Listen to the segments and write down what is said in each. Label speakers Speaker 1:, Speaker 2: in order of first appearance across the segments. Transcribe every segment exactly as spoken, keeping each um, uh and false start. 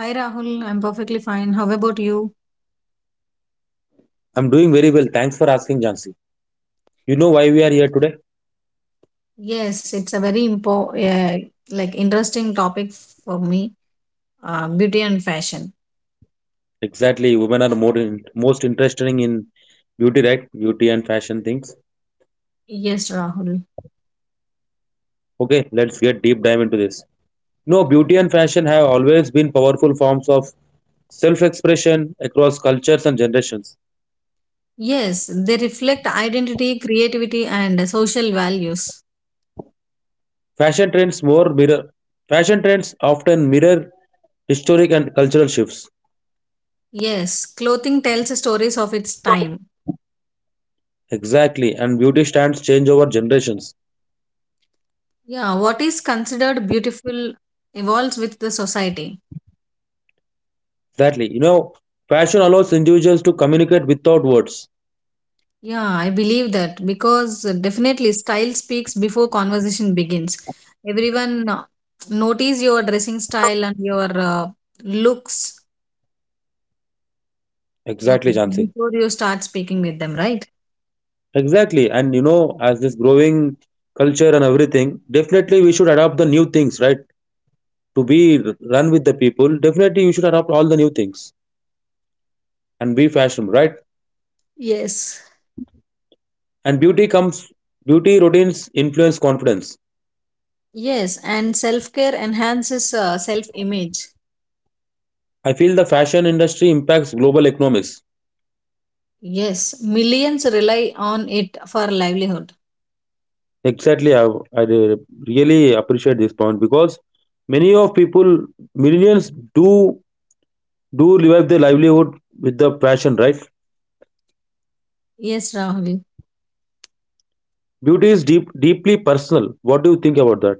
Speaker 1: Hi Rahul, I'm perfectly fine. How about you?
Speaker 2: I'm doing very well. Thanks for asking, Jansi. You know why we are here today?
Speaker 1: Yes, it's a very impo- uh, like interesting topic for me. Uh, beauty and fashion.
Speaker 2: Exactly, women are more in, most interested in beauty, right? Beauty and fashion things.
Speaker 1: Yes, Rahul.
Speaker 2: Okay, let's get deep dive into this. No, beauty and fashion have always been powerful forms of self-expression across cultures and generations.
Speaker 1: Yes, they reflect identity, creativity, and social values.
Speaker 2: Fashion trends more mirror Fashion trends often mirror historic and cultural shifts.
Speaker 1: Yes, clothing tells stories of its time.
Speaker 2: Exactly, and beauty stands change over generations.
Speaker 1: Yeah, what is considered beautiful evolves with the society.
Speaker 2: Exactly. You know, fashion allows individuals to communicate without words.
Speaker 1: Yeah, I believe that because uh, definitely style speaks before conversation begins. Everyone uh, notice your dressing style and your uh, looks uh,
Speaker 2: Exactly, Jansi.
Speaker 1: before you start speaking with them, right?
Speaker 2: Exactly. And you know, as this growing culture and everything, definitely we should adopt the new things, right? To be run with the people, definitely we should adopt all the new things and be fashionable, right?
Speaker 1: Yes.
Speaker 2: And beauty comes Beauty routines influence confidence.
Speaker 1: Yes, and self care enhances uh, self image.
Speaker 2: I feel the fashion industry impacts global economics.
Speaker 1: Yes, millions rely on it for livelihood.
Speaker 2: Exactly, I, I re- really appreciate this point because many of people, millions, do do live their livelihood with the fashion, right?
Speaker 1: Yes, Rahul.
Speaker 2: Beauty is deep, deeply personal. What do you think about that?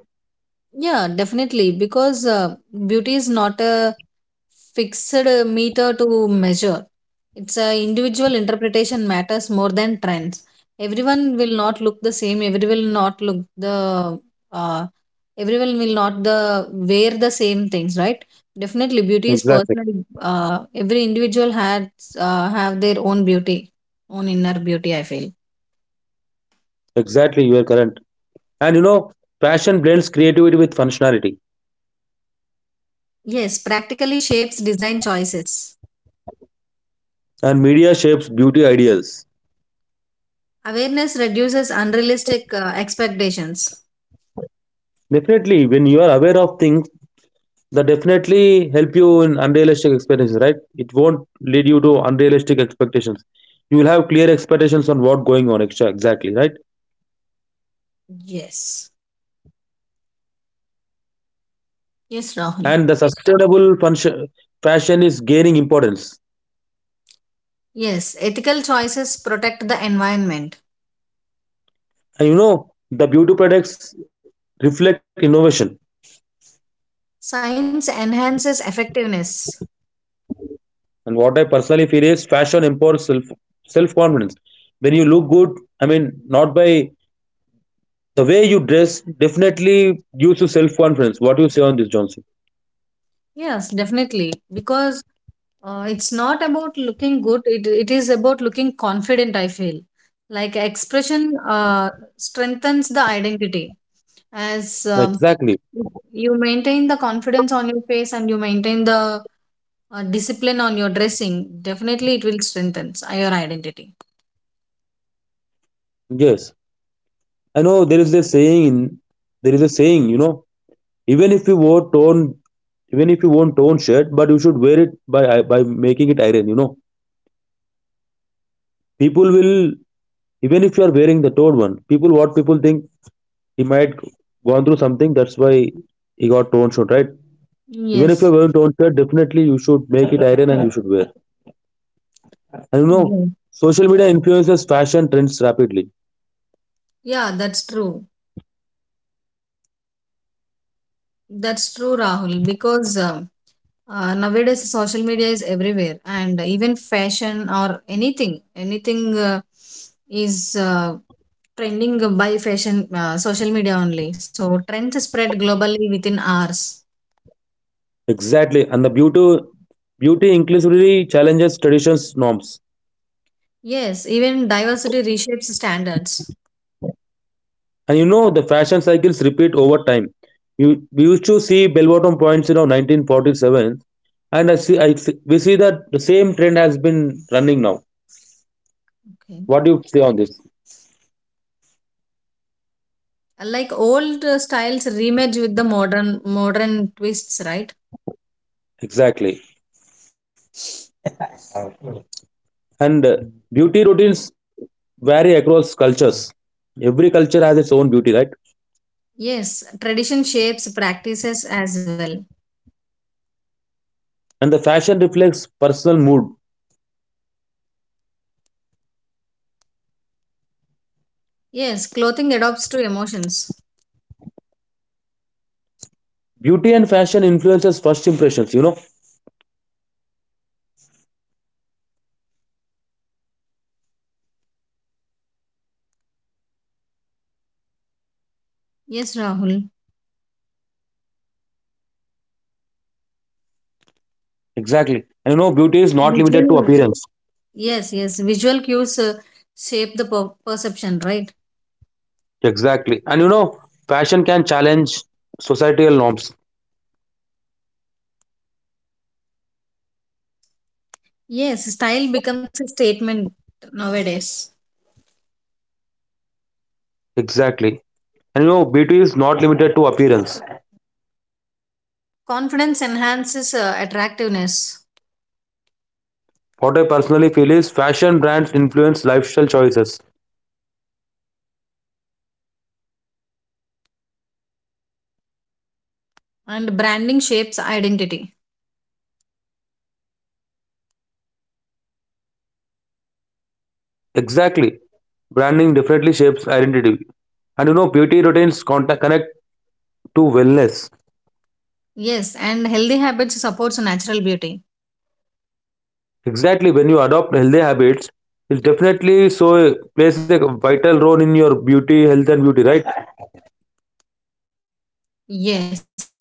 Speaker 1: Yeah, definitely, because uh, beauty is not a fixed uh, meter to measure. It's a individual interpretation matters more than trends. Everyone will not look the same. Everyone will not look the uh, everyone will not the wear the same things, right? Definitely, beauty is
Speaker 2: Exactly.
Speaker 1: personal. Uh, every individual has uh, have their own beauty, own inner beauty, I feel.
Speaker 2: Exactly, you are correct. And you know, fashion blends creativity with functionality,
Speaker 1: Yes, practically shapes design choices.
Speaker 2: and media shapes beauty ideals.
Speaker 1: Awareness reduces unrealistic uh, expectations.
Speaker 2: Definitely, when you are aware of things, that definitely help you in unrealistic expectations, right? It won't lead you to unrealistic expectations. You will have clear expectations on what going on, exa- exactly, right?
Speaker 1: Yes, yes, Rahul.
Speaker 2: And the sustainable function, fashion is gaining importance.
Speaker 1: Yes, ethical choices protect the environment.
Speaker 2: And you know, the beauty products reflect innovation.
Speaker 1: Science enhances effectiveness.
Speaker 2: And what I personally feel is fashion imparts self self confidence. When you look good, I mean, not by the way you dress, definitely gives you self confidence. What you say on this, johnson?
Speaker 1: Yes, definitely. Because uh, it's not about looking good, it, it is about looking confident, I feel. Like expression uh, strengthens the identity. As
Speaker 2: Exactly.
Speaker 1: um, You maintain the confidence on your face and you maintain the uh, discipline on your dressing, definitely it will strengthen your identity.
Speaker 2: Yes, I know there is a saying, in there is a saying, you know, even if you wore torn, even if you won't torn shirt, but you should wear it by by making it iron. You know, people will even if you are wearing the torn one, people what people think, he might gone through something. That's why he got torn shirt, right? Even if you are
Speaker 1: Yes.
Speaker 2: wearing torn shirt, definitely you should make it iron and you should wear. And you know,
Speaker 1: Yes.
Speaker 2: social media influences fashion trends rapidly.
Speaker 1: Yeah, that's true. That's true, Rahul, because um, Uh, nowadays social media is everywhere and even fashion or anything anything uh, is uh, trending by fashion uh, social media only, so trends spread globally within hours.
Speaker 2: Exactly, and the beauty beauty inclusively challenges traditions norms.
Speaker 1: Yes, even diversity reshapes standards.
Speaker 2: And you know, the fashion cycles repeat over time. You, we used to see bell bottom points, in you know, nineteen forty-seven, and I see, I see, we see that the same trend has been running now.
Speaker 1: Okay,
Speaker 2: What do you say on this?
Speaker 1: like old uh, styles remerge with the modern modern twists, right?
Speaker 2: Exactly. And uh, beauty routines vary across cultures. Every culture has its own beauty, right?
Speaker 1: Yes, tradition shapes practices as well.
Speaker 2: And the fashion reflects personal mood.
Speaker 1: Yes, clothing adapts to emotions.
Speaker 2: Beauty and fashion influences first impressions, you know?
Speaker 1: Yes, Rahul.
Speaker 2: Exactly. And you know, beauty is not limited to
Speaker 1: Visual.
Speaker 2: appearance.
Speaker 1: Yes, yes. Visual cues uh, shape the per- perception, right?
Speaker 2: Exactly. And you know, fashion can challenge societal norms.
Speaker 1: Yes, style becomes a statement nowadays.
Speaker 2: Exactly. And you know, beauty is not limited to appearance.
Speaker 1: Confidence enhances uh, attractiveness,
Speaker 2: What I personally feel is fashion brands influence lifestyle choices.
Speaker 1: and branding shapes identity.
Speaker 2: Exactly. Branding definitely shapes identity. And you know, beauty routines contact, connect to wellness.
Speaker 1: Yes, and healthy habits supports natural beauty.
Speaker 2: Exactly. When you adopt healthy habits, it definitely so plays a vital role in your beauty, health, and beauty, right?
Speaker 1: Yes.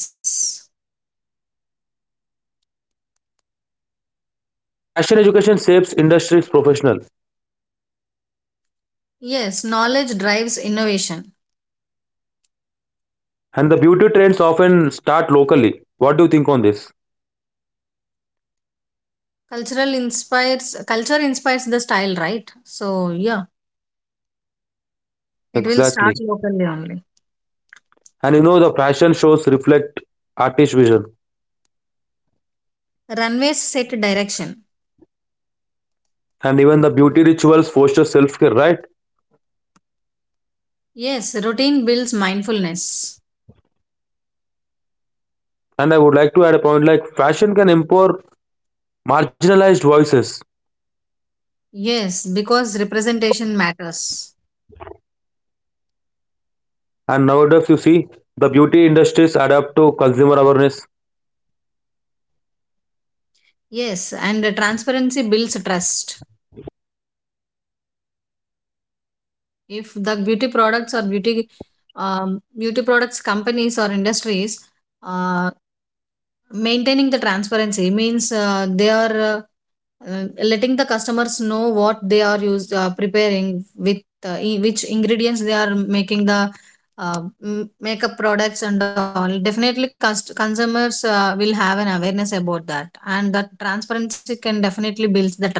Speaker 2: And fashion education shapes industries professional.
Speaker 1: Yes, knowledge drives innovation.
Speaker 2: And the beauty trends often start locally. What do you think on this?
Speaker 1: Cultural inspires culture inspires the style, right? So, yeah, it will
Speaker 2: Exactly.
Speaker 1: start locally only.
Speaker 2: And you know, the fashion shows reflect artist vision,
Speaker 1: Runways set direction.
Speaker 2: and even the beauty rituals foster self care, right?
Speaker 1: Yes, routine builds mindfulness.
Speaker 2: And I would like to add a point like fashion can empower marginalized voices.
Speaker 1: Yes, because representation matters.
Speaker 2: And nowadays, you see, the beauty industries adapt to consumer awareness.
Speaker 1: Yes, and the transparency builds trust. If the beauty products or beauty um, beauty products companies or industries uh, maintaining the transparency means uh, they are uh, uh, letting the customers know what they are used uh, preparing with uh, i- which ingredients they are making the uh, m- makeup products and all, definitely cust- consumers uh, will have an awareness about that, and that transparency can definitely build the trust.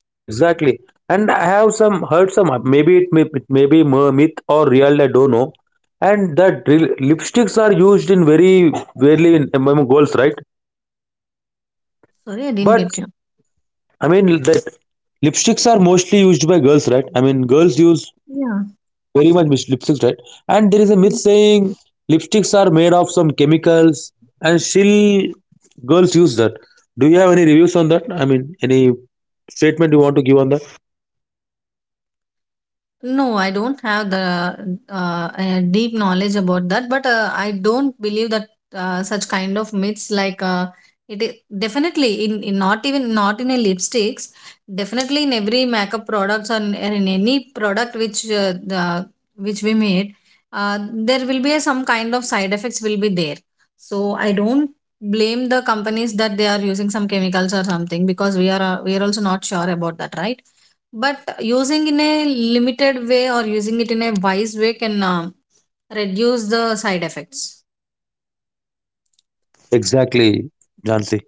Speaker 2: Yes, exactly. And I have some heard some, maybe it may it may be mer- myth or real. I don't know. And that re- lipsticks are used in very rarely in among girls, right?
Speaker 1: Sorry, I didn't
Speaker 2: But
Speaker 1: get you.
Speaker 2: I mean that lipsticks are mostly used by girls, right? I mean girls use
Speaker 1: Yeah.
Speaker 2: very much mis- lipsticks, right? And there is a myth saying lipsticks are made of some chemicals, and still girls use that. Do you have any reviews on that? I mean, any statement you want to give on that?
Speaker 1: No, I don't have the uh, uh, deep knowledge about that, but uh, I don't believe that uh, such kind of myths like uh, it is definitely in, in not even not in a lipsticks, definitely in every makeup products or and in any product which uh, the, which we made, uh, there will be a, some kind of side effects will be there. So I don't blame the companies that they are using some chemicals or something, because we are uh, we are also not sure about that, right? But using in a limited way or using it in a wise way can uh, reduce the side effects.
Speaker 2: Exactly, Jansi.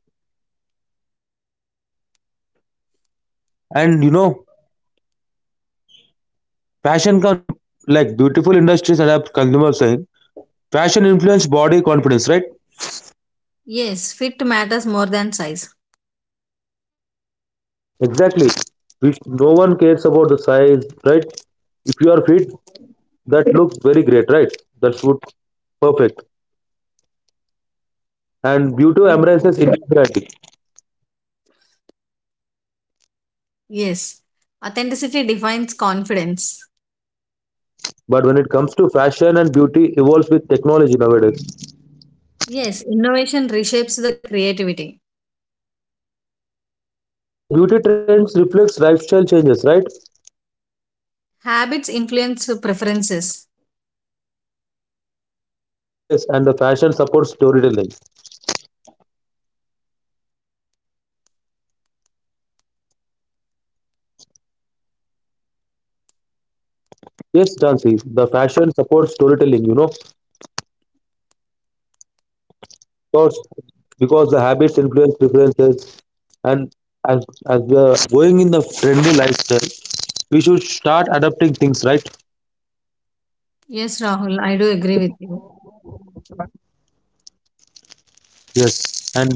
Speaker 2: And you know, fashion can im- like beautiful industries and have consumer saying fashion influence body confidence, right?
Speaker 1: Yes, fit matters more than size.
Speaker 2: Exactly. Which no one cares about the size, right? If you are fit, that looks very great, right? That's good, perfect. And beauty embraces individuality.
Speaker 1: Yes, authenticity defines confidence.
Speaker 2: But when it comes to fashion and beauty evolves with technology nowadays.
Speaker 1: Yes, innovation reshapes the creativity.
Speaker 2: And the beauty trends reflects lifestyle changes, right?
Speaker 1: Habits influence preferences.
Speaker 2: Yes, and the fashion supports storytelling. Yes, Jansi, the fashion supports storytelling, you know, because, because the habits influence preferences, and as, as we are going in the trendy lifestyle, we should start adapting things, right?
Speaker 1: Yes, Rahul, I do agree with you.
Speaker 2: Yes, and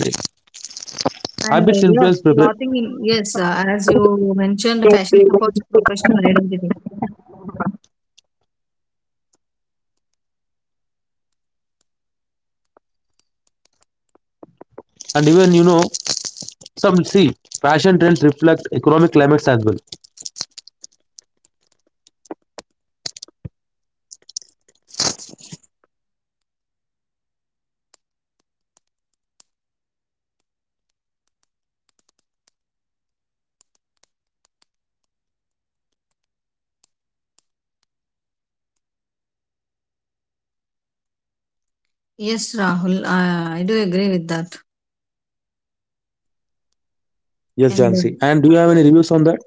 Speaker 1: And
Speaker 2: habits
Speaker 1: uh, yes,
Speaker 2: influence preference.
Speaker 1: clothing in, yes, uh, as you mentioned, fashion supports professional identity.
Speaker 2: And even you know, Some see fashion trends reflect economic climates as well.
Speaker 1: Yes, Rahul, uh, I do agree with that.
Speaker 2: Yes,
Speaker 1: And uh,
Speaker 2: Jansi. And do you have any reviews on that?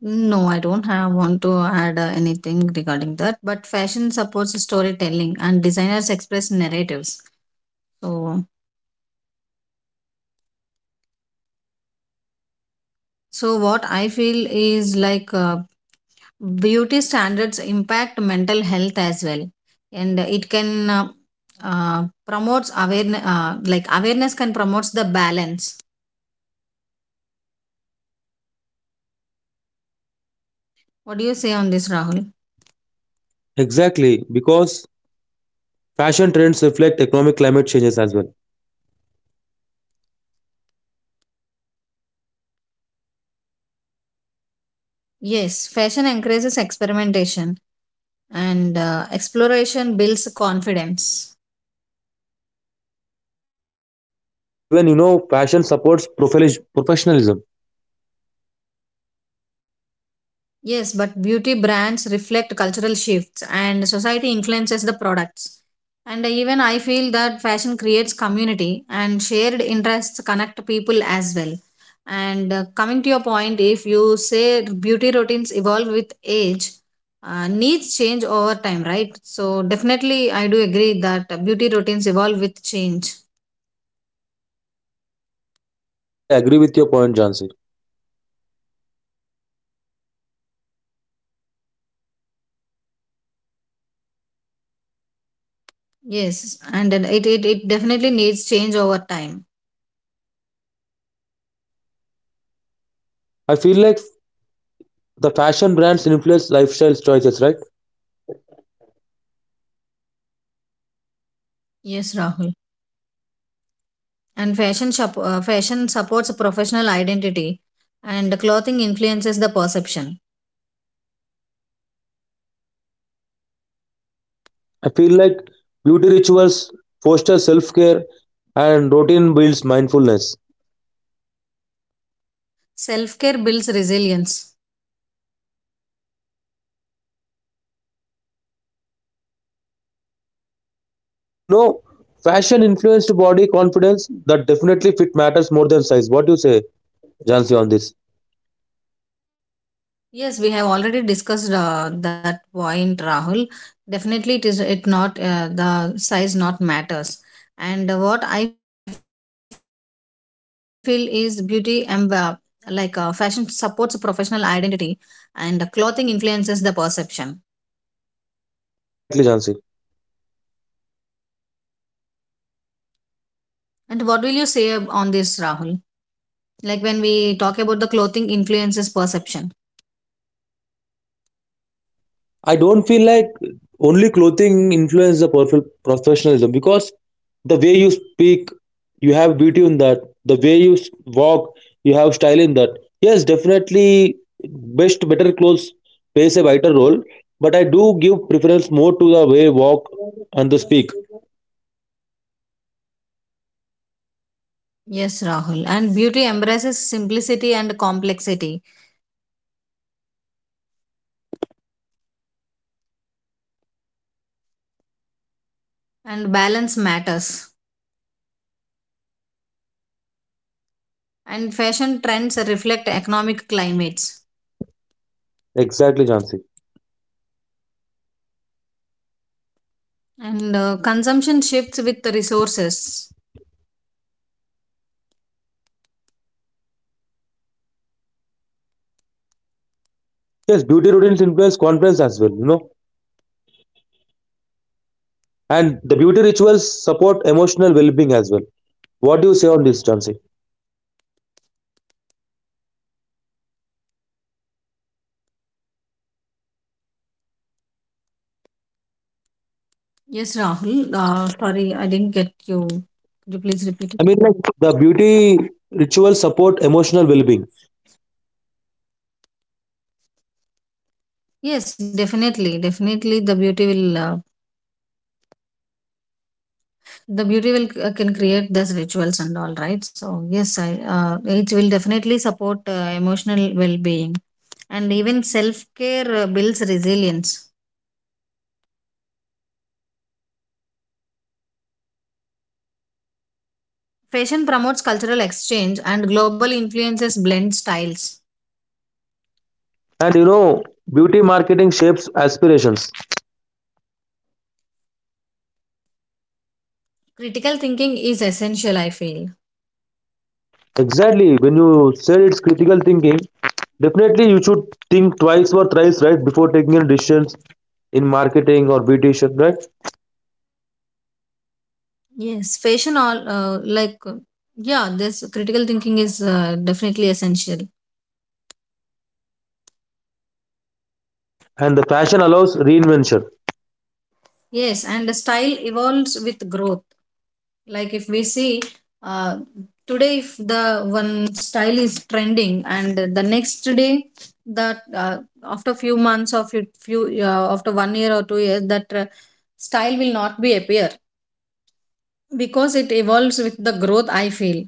Speaker 1: no, I don't have want to add uh, anything regarding that. But fashion supports storytelling and designers express narratives. So, so what I feel is like uh, beauty standards impact mental health as well, and it can uh, uh, promotes awareness. Uh, like awareness can promotes the balance. What do you say on this, Rahul?
Speaker 2: Exactly, because fashion trends reflect economic climate changes as well.
Speaker 1: Yes, fashion encourages experimentation, and uh, exploration builds confidence.
Speaker 2: And even you know, fashion supports profilis- professionalism.
Speaker 1: Yes, but beauty brands reflect cultural shifts and society influences the products. And even I feel that fashion creates community and shared interests connect people as well. And uh, coming to your point, if you say beauty routines evolve with age, uh, needs change over time, right? So, definitely, I do agree that beauty routines evolve with change.
Speaker 2: Exactly, I agree with your point, Jansi.
Speaker 1: Yes, and it, it, it definitely needs change over time.
Speaker 2: I feel like the fashion brands influence lifestyle choices, right?
Speaker 1: Yes, Rahul. And fashion shop, uh, fashion supports professional identity, and clothing influences the perception.
Speaker 2: I feel like beauty rituals foster self care and routine builds mindfulness.
Speaker 1: Self care builds resilience.
Speaker 2: And you know, fashion influenced body confidence, that definitely fit matters more than size. What do you say? Jansi on this.
Speaker 1: Yes, we have already discussed uh, that point, Rahul. Definitely it is it not uh, the size not matters. And what I feel is beauty and uh, like uh, fashion supports professional identity and clothing influences the perception.
Speaker 2: Exactly, Jansi.
Speaker 1: And what will you say uh, on this, Rahul, like when we talk about the clothing influences perception?
Speaker 2: I don't feel like only clothing influences the prof- professionalism, because the way you speak, you have beauty in that. The way you s- walk, you have style in that. Yes, definitely, best, better clothes plays a vital role, but I do give preference more to the way walk and the speak.
Speaker 1: Yes, Rahul. And beauty embraces simplicity and complexity, and balance matters. And fashion trends reflect economic climates,
Speaker 2: Exactly, Jansi.
Speaker 1: and uh, consumption shifts with the resources.
Speaker 2: Yes, beauty routines influence confidence as well, you know, and the beauty rituals support emotional well being as well. What do you say on this, Jansi?
Speaker 1: Yes, Rahul. Uh, sorry, I didn't get you. Could you please repeat
Speaker 2: I
Speaker 1: it?
Speaker 2: mean, like the beauty rituals support emotional well-being,
Speaker 1: Yes, definitely, definitely. The beauty will, uh, the beauty will uh, can create these rituals and all, right? So yes, I uh, it will definitely support uh, emotional well-being, and even self-care uh, builds resilience. Fashion promotes cultural exchange and global influences blend styles.
Speaker 2: and you know, beauty marketing shapes aspirations.
Speaker 1: Critical thinking is essential, I feel.
Speaker 2: Exactly. When you said it's critical thinking, definitely you should think twice or thrice, right, before taking any decisions in marketing or beautician, right?
Speaker 1: Yes, fashion all uh, like uh, yeah, this critical thinking is uh, definitely essential.
Speaker 2: And the fashion allows reinvention.
Speaker 1: Yes, and the style evolves with growth. Like if we see uh, today, if the one style is trending, and the next day, that uh, after few months or few few uh, after one year or two years, that uh, style will not be appear because it evolves with the growth, I feel.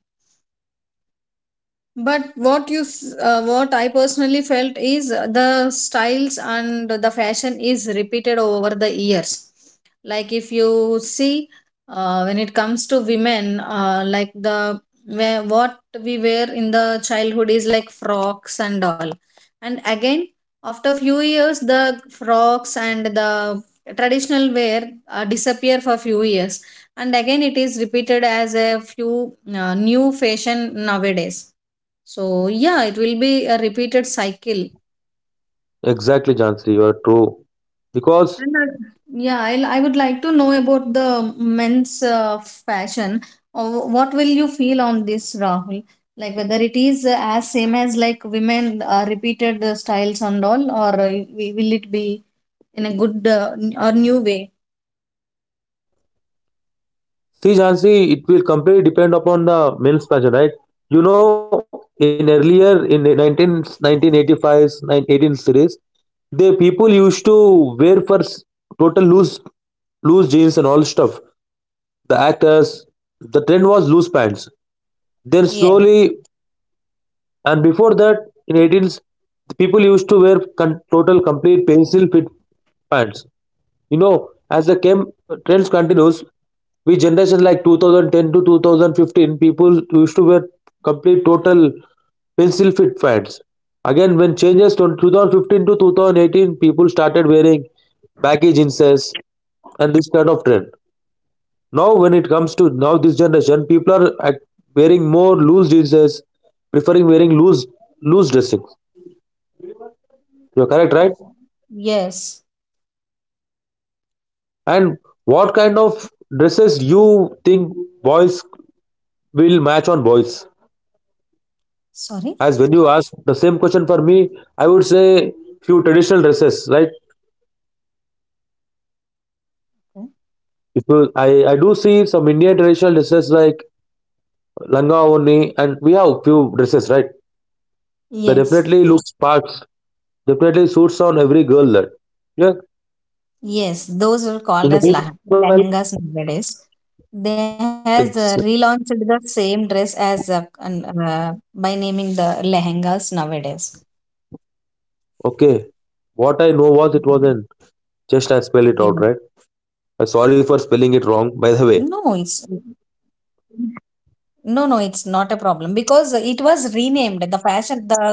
Speaker 1: But what you, s- uh, what I personally felt is uh, the styles and the fashion is repeated over the years. Like if you see, uh, when it comes to women, uh, like the where what we wear in the childhood is like frocks and all, and again after few years the frocks and the traditional wear uh, disappear for few years, and again it is repeated as a few uh, new fashion nowadays. So yeah, it will be a repeated cycle.
Speaker 2: Exactly, Jansi, you are true. Because
Speaker 1: And I, Yeah, I'll, I would like to know about the men's uh, fashion. Or what will you feel on this, Rahul? Like whether it is uh, as same as like women uh, repeated the styles and all, or uh, we- will it be in a good uh, n- or new way?
Speaker 2: see, Jansi, it will completely depend upon the men's fashion, right? You know, in earlier in the nineteen nineteen eighty-fives, nine eighteen series, the people used to wear for s- total loose loose jeans and all stuff. The actors, the trend was loose pants. Then
Speaker 1: Yeah.
Speaker 2: slowly, and before that, in eighteens, the people used to wear con- total complete pencil fit pants. You know, as the chem trends continues, we generations like twenty ten to two thousand fifteen, people used to wear complete total pencil fit pants. Again, when changes from twenty fifteen to twenty eighteen, people started wearing baggy jeanses and this kind of trend. Now, when it comes to now this generation, people are act- wearing more loose jeanses, preferring wearing loose loose dressing. You're correct, right?
Speaker 1: Yes.
Speaker 2: And what kind of dresses you think boys will match on boys.
Speaker 1: Sorry.
Speaker 2: As when you ask the same question for me, I would say few traditional dresses, right? If you, I, I do see some Indian traditional dresses like langa oni, and we have few dresses, right? That
Speaker 1: Yes.
Speaker 2: definitely looks parts, definitely suits on every girl that. Yeah.
Speaker 1: Yes, those are called
Speaker 2: In the
Speaker 1: as lah-
Speaker 2: meanwhile,
Speaker 1: lehengas nowadays. They
Speaker 2: ex-
Speaker 1: has uh, relaunched the same dress as uh, an- uh, by naming the lehengas nowadays.
Speaker 2: okay. What I know was it wasn't,
Speaker 1: Mhm.
Speaker 2: just I spell it out,
Speaker 1: Yes.
Speaker 2: right? Uh, sorry for
Speaker 1: No,
Speaker 2: spelling it
Speaker 1: it's
Speaker 2: wrong, by the way.
Speaker 1: no, no, it's not a problem because it was renamed. The fashion, the uh,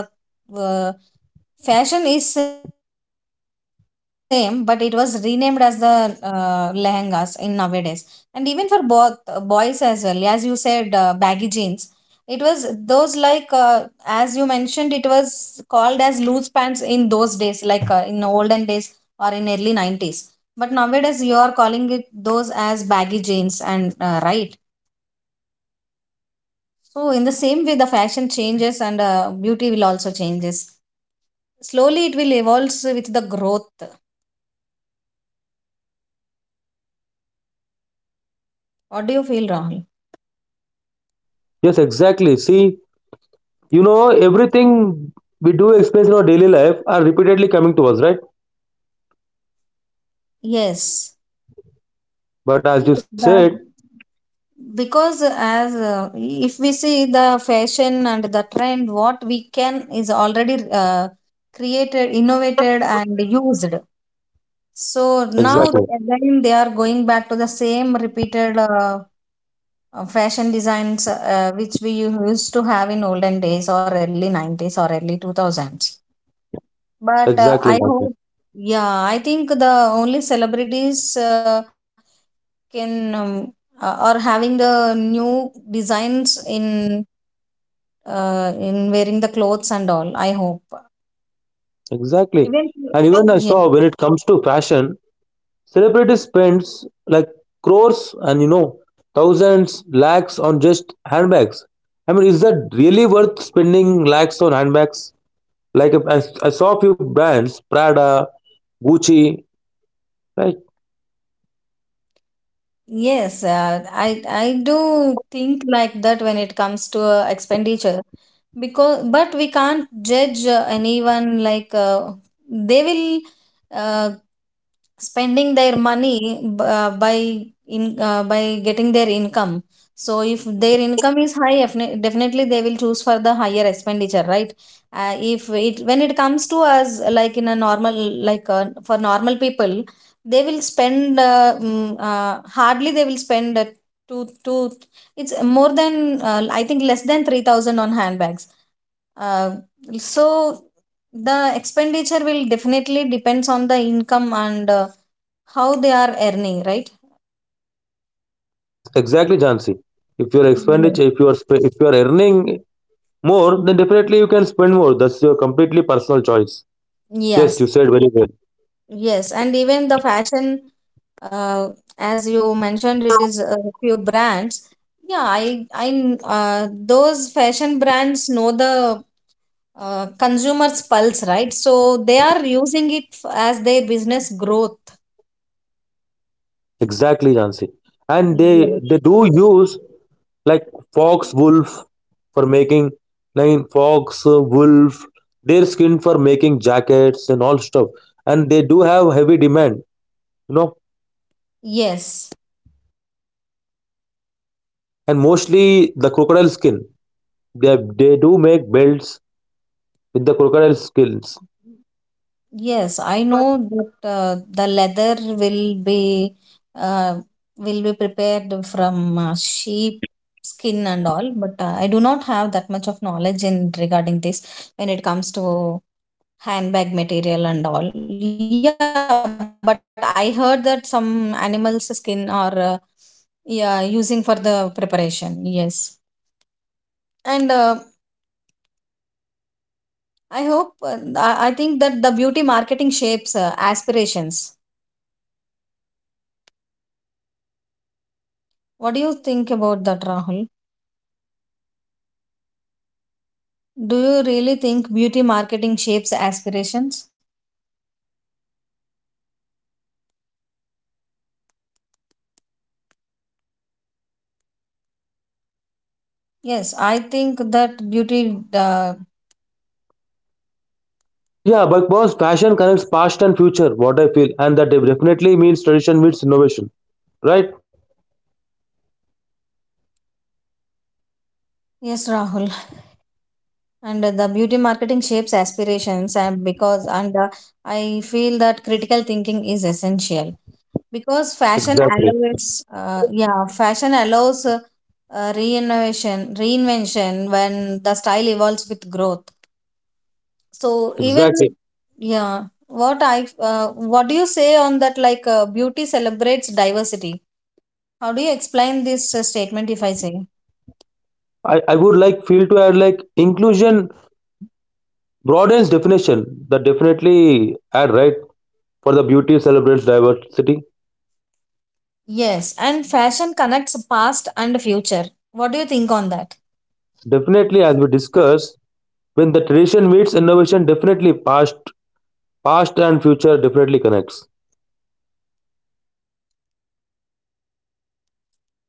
Speaker 1: fashion is same but it was renamed as the uh, lehengas in nowadays. And even for both uh, boys, as well as you said uh, baggy jeans, it was those like uh, as you mentioned, it was called as loose pants in those days, like uh, in olden days or in early nineties, but nowadays you are calling it those as baggy jeans, and uh, right. So in the same way the fashion changes, and uh, beauty will also changes. Slowly it will evolve with the growth. What do you feel, Rahul?
Speaker 2: Yes, exactly. See, you know everything we do experience in our daily life are repeatedly coming to us, right?
Speaker 1: Yes.
Speaker 2: But as you
Speaker 1: Yes.
Speaker 2: said,
Speaker 1: The, because as uh, if we see the fashion and the trend what we can is already uh, created innovated and used. So now
Speaker 2: exactly,
Speaker 1: again they are going back to the same repeated uh, uh, fashion designs uh, which we used to have in olden days or early nineties or early two thousands. But uh,
Speaker 2: exactly,
Speaker 1: I
Speaker 2: Jhanvi,
Speaker 1: hope, yeah, I think the only celebrities uh, can um, uh, are having the new designs in uh, in wearing the clothes and all. I hope
Speaker 2: exactly.
Speaker 1: even
Speaker 2: And even I
Speaker 1: yes.
Speaker 2: saw when it comes to fashion, celebrities spends like crores, and you know, thousands, lakhs on just handbags. I mean, is that really worth spending lakhs on handbags? Like if I, I saw a few brands, Prada, Gucci, right?
Speaker 1: Yes, uh, I I do think like that when it comes to uh, expenditure, because but we can't judge uh, anyone like uh, they will uh, spending their money b- uh, by in uh, by getting their income. So if their income is high, defini- definitely they will choose for the higher expenditure, right? Uh, if it when it comes to us, like in a normal, like uh, for normal people, they will spend uh, mm, uh, hardly they will spend uh, two two it's more than uh, I think less than three thousand on handbags. uh, so the expenditure will definitely depends on the income and uh, how they are earning, right?
Speaker 2: Ex- exactly, Jansi. If your expenditure,
Speaker 1: Yes.
Speaker 2: if you are sp- if you are earning more, then definitely you can spend more. That's your completely personal choice. Yes, you
Speaker 1: Yes,
Speaker 2: said very well.
Speaker 1: yes, and even the fashion, uh, as you mentioned, it is a few brands. Yeah I I uh, those fashion brands know the uh, consumers pulse, right? So they are using it f- as their business growth.
Speaker 2: Exactly, Jansi. And they
Speaker 1: Yes.
Speaker 2: they do use like fox wolf for making like fox uh, wolf, their skin for making jackets and all stuff. And they do have heavy demand, you know.
Speaker 1: Yes.
Speaker 2: And mostly the crocodile skin. They they do make belts with the crocodile skins.
Speaker 1: Yes, I know that uh, the leather will be uh, will be prepared from uh, sheep skin and all, but uh, I do not have that much of knowledge in regarding this when it comes to handbag material and all. Yeah, but I heard that some animals skin are uh, yeah using for the preparation. Yes. And uh, I hope, uh, I I think that the beauty marketing shapes uh, aspirations. What do you think about that, Rahul? Do you really think beauty marketing shapes aspirations? Yes, I think that beauty, uh,
Speaker 2: Yeah, but boss, fashion connects past and future. What I feel, and that definitely means tradition meets innovation, right?
Speaker 1: yes, Rahul, and the beauty marketing shapes aspirations, and because, and uh, I feel that critical thinking is essential, because fashion
Speaker 2: Exactly,
Speaker 1: allows, uh, yeah, fashion allows uh, uh, reinnovation, reinvention when the style evolves with growth. So even
Speaker 2: exactly.
Speaker 1: yeah, what I uh, what do you say on that? Like uh, beauty celebrates diversity. How do you explain this uh, statement? If I say
Speaker 2: I, I would like feel to add like inclusion broadens definition, that definitely add right for the beauty celebrates diversity.
Speaker 1: yes, and fashion connects past and future. What do you think on that?
Speaker 2: Definitely, as we discussed, when the tradition meets innovation, definitely past, past and future definitely connects.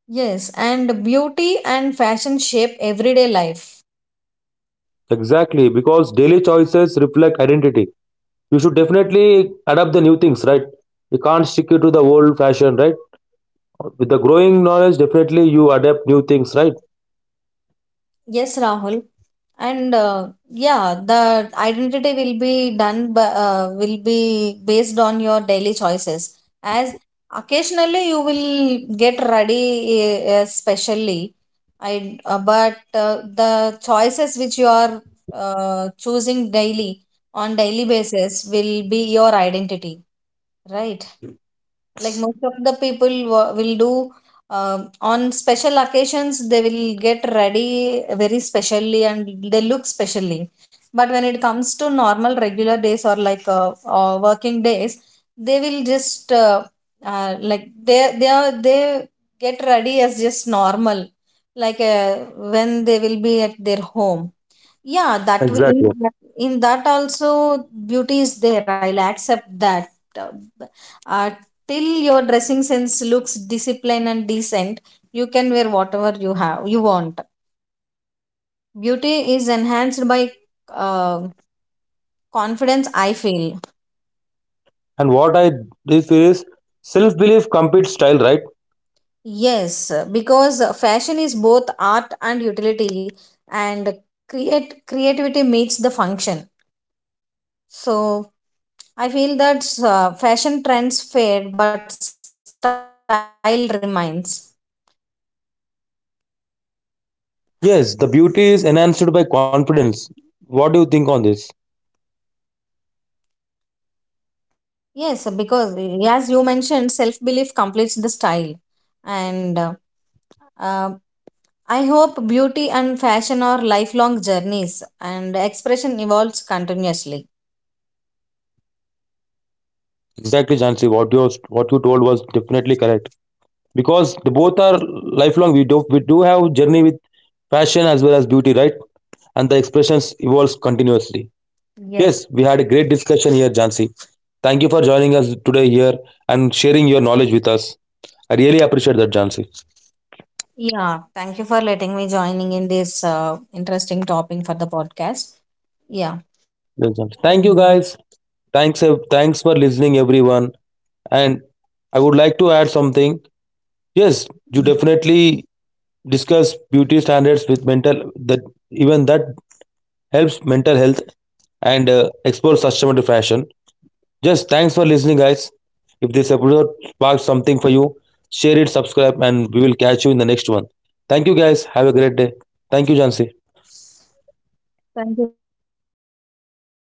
Speaker 1: Yes, and beauty and fashion shape everyday life.
Speaker 2: Exactly, because daily choices reflect identity. You should definitely adapt the new things, right? You can't stick it to the old fashion, right? With the growing knowledge, definitely you adapt new things, right?
Speaker 1: Yes, Rahul. And uh, yeah, the identity will be done by, uh, will be based on your daily choices, as occasionally you will get ready uh, specially. I, uh, but uh, the choices which you are uh, choosing daily on daily basis will be your identity, right? Like most of the people wa- will do um, on special occasions, they will get ready very specially and they look specially. But when it comes to normal regular days or like uh, uh, working days, they will just uh, uh, like they they are they get ready as just normal, like uh, when they will be at their home. Yeah, that way in
Speaker 2: Exactly.
Speaker 1: that, in that also beauty is there, I'll accept that. uh, uh, Till your dressing sense looks disciplined and decent, you can wear whatever you have you want. Beauty is enhanced by uh, confidence, I feel.
Speaker 2: And what I do feel is self belief competes style, right?
Speaker 1: Yes, because fashion is both art and utility, and create creativity meets the function. So I feel that uh, fashion trends fade but style remains.
Speaker 2: Yes, the beauty is enhanced by confidence. What do you think on this?
Speaker 1: Yes, because eh, as you mentioned, self belief completes the style. And uh, uh, I hope beauty and fashion are lifelong journeys and expression evolves continuously.
Speaker 2: Exactly, Jansi. What you what you told was definitely correct, because they both are lifelong. We do we do have journey with fashion as well as beauty, right? And the expressions evolves continuously. Yes,
Speaker 1: Yes.
Speaker 2: we had a great discussion here, Jansi. Thank you for joining us today here and sharing your knowledge with us. I really appreciate that, Jansi.
Speaker 1: Yeah, thank you for letting me joining in this uh, interesting topic for the podcast. Yeah.
Speaker 2: Yes, Jansi. Thank you,
Speaker 1: And
Speaker 2: guys. Thanks, ev- thanks for listening, everyone. And I would like to add something. Yes, you definitely discuss beauty standards with mental, that even that helps mental health and uh, explore sustainable fashion. Just thanks for listening, guys. If this episode sparked something for you, share it, subscribe, and we will catch you in the next one. Thank you, guys. Have a great day. Thank you, Jansi.
Speaker 1: thank you, Rahul.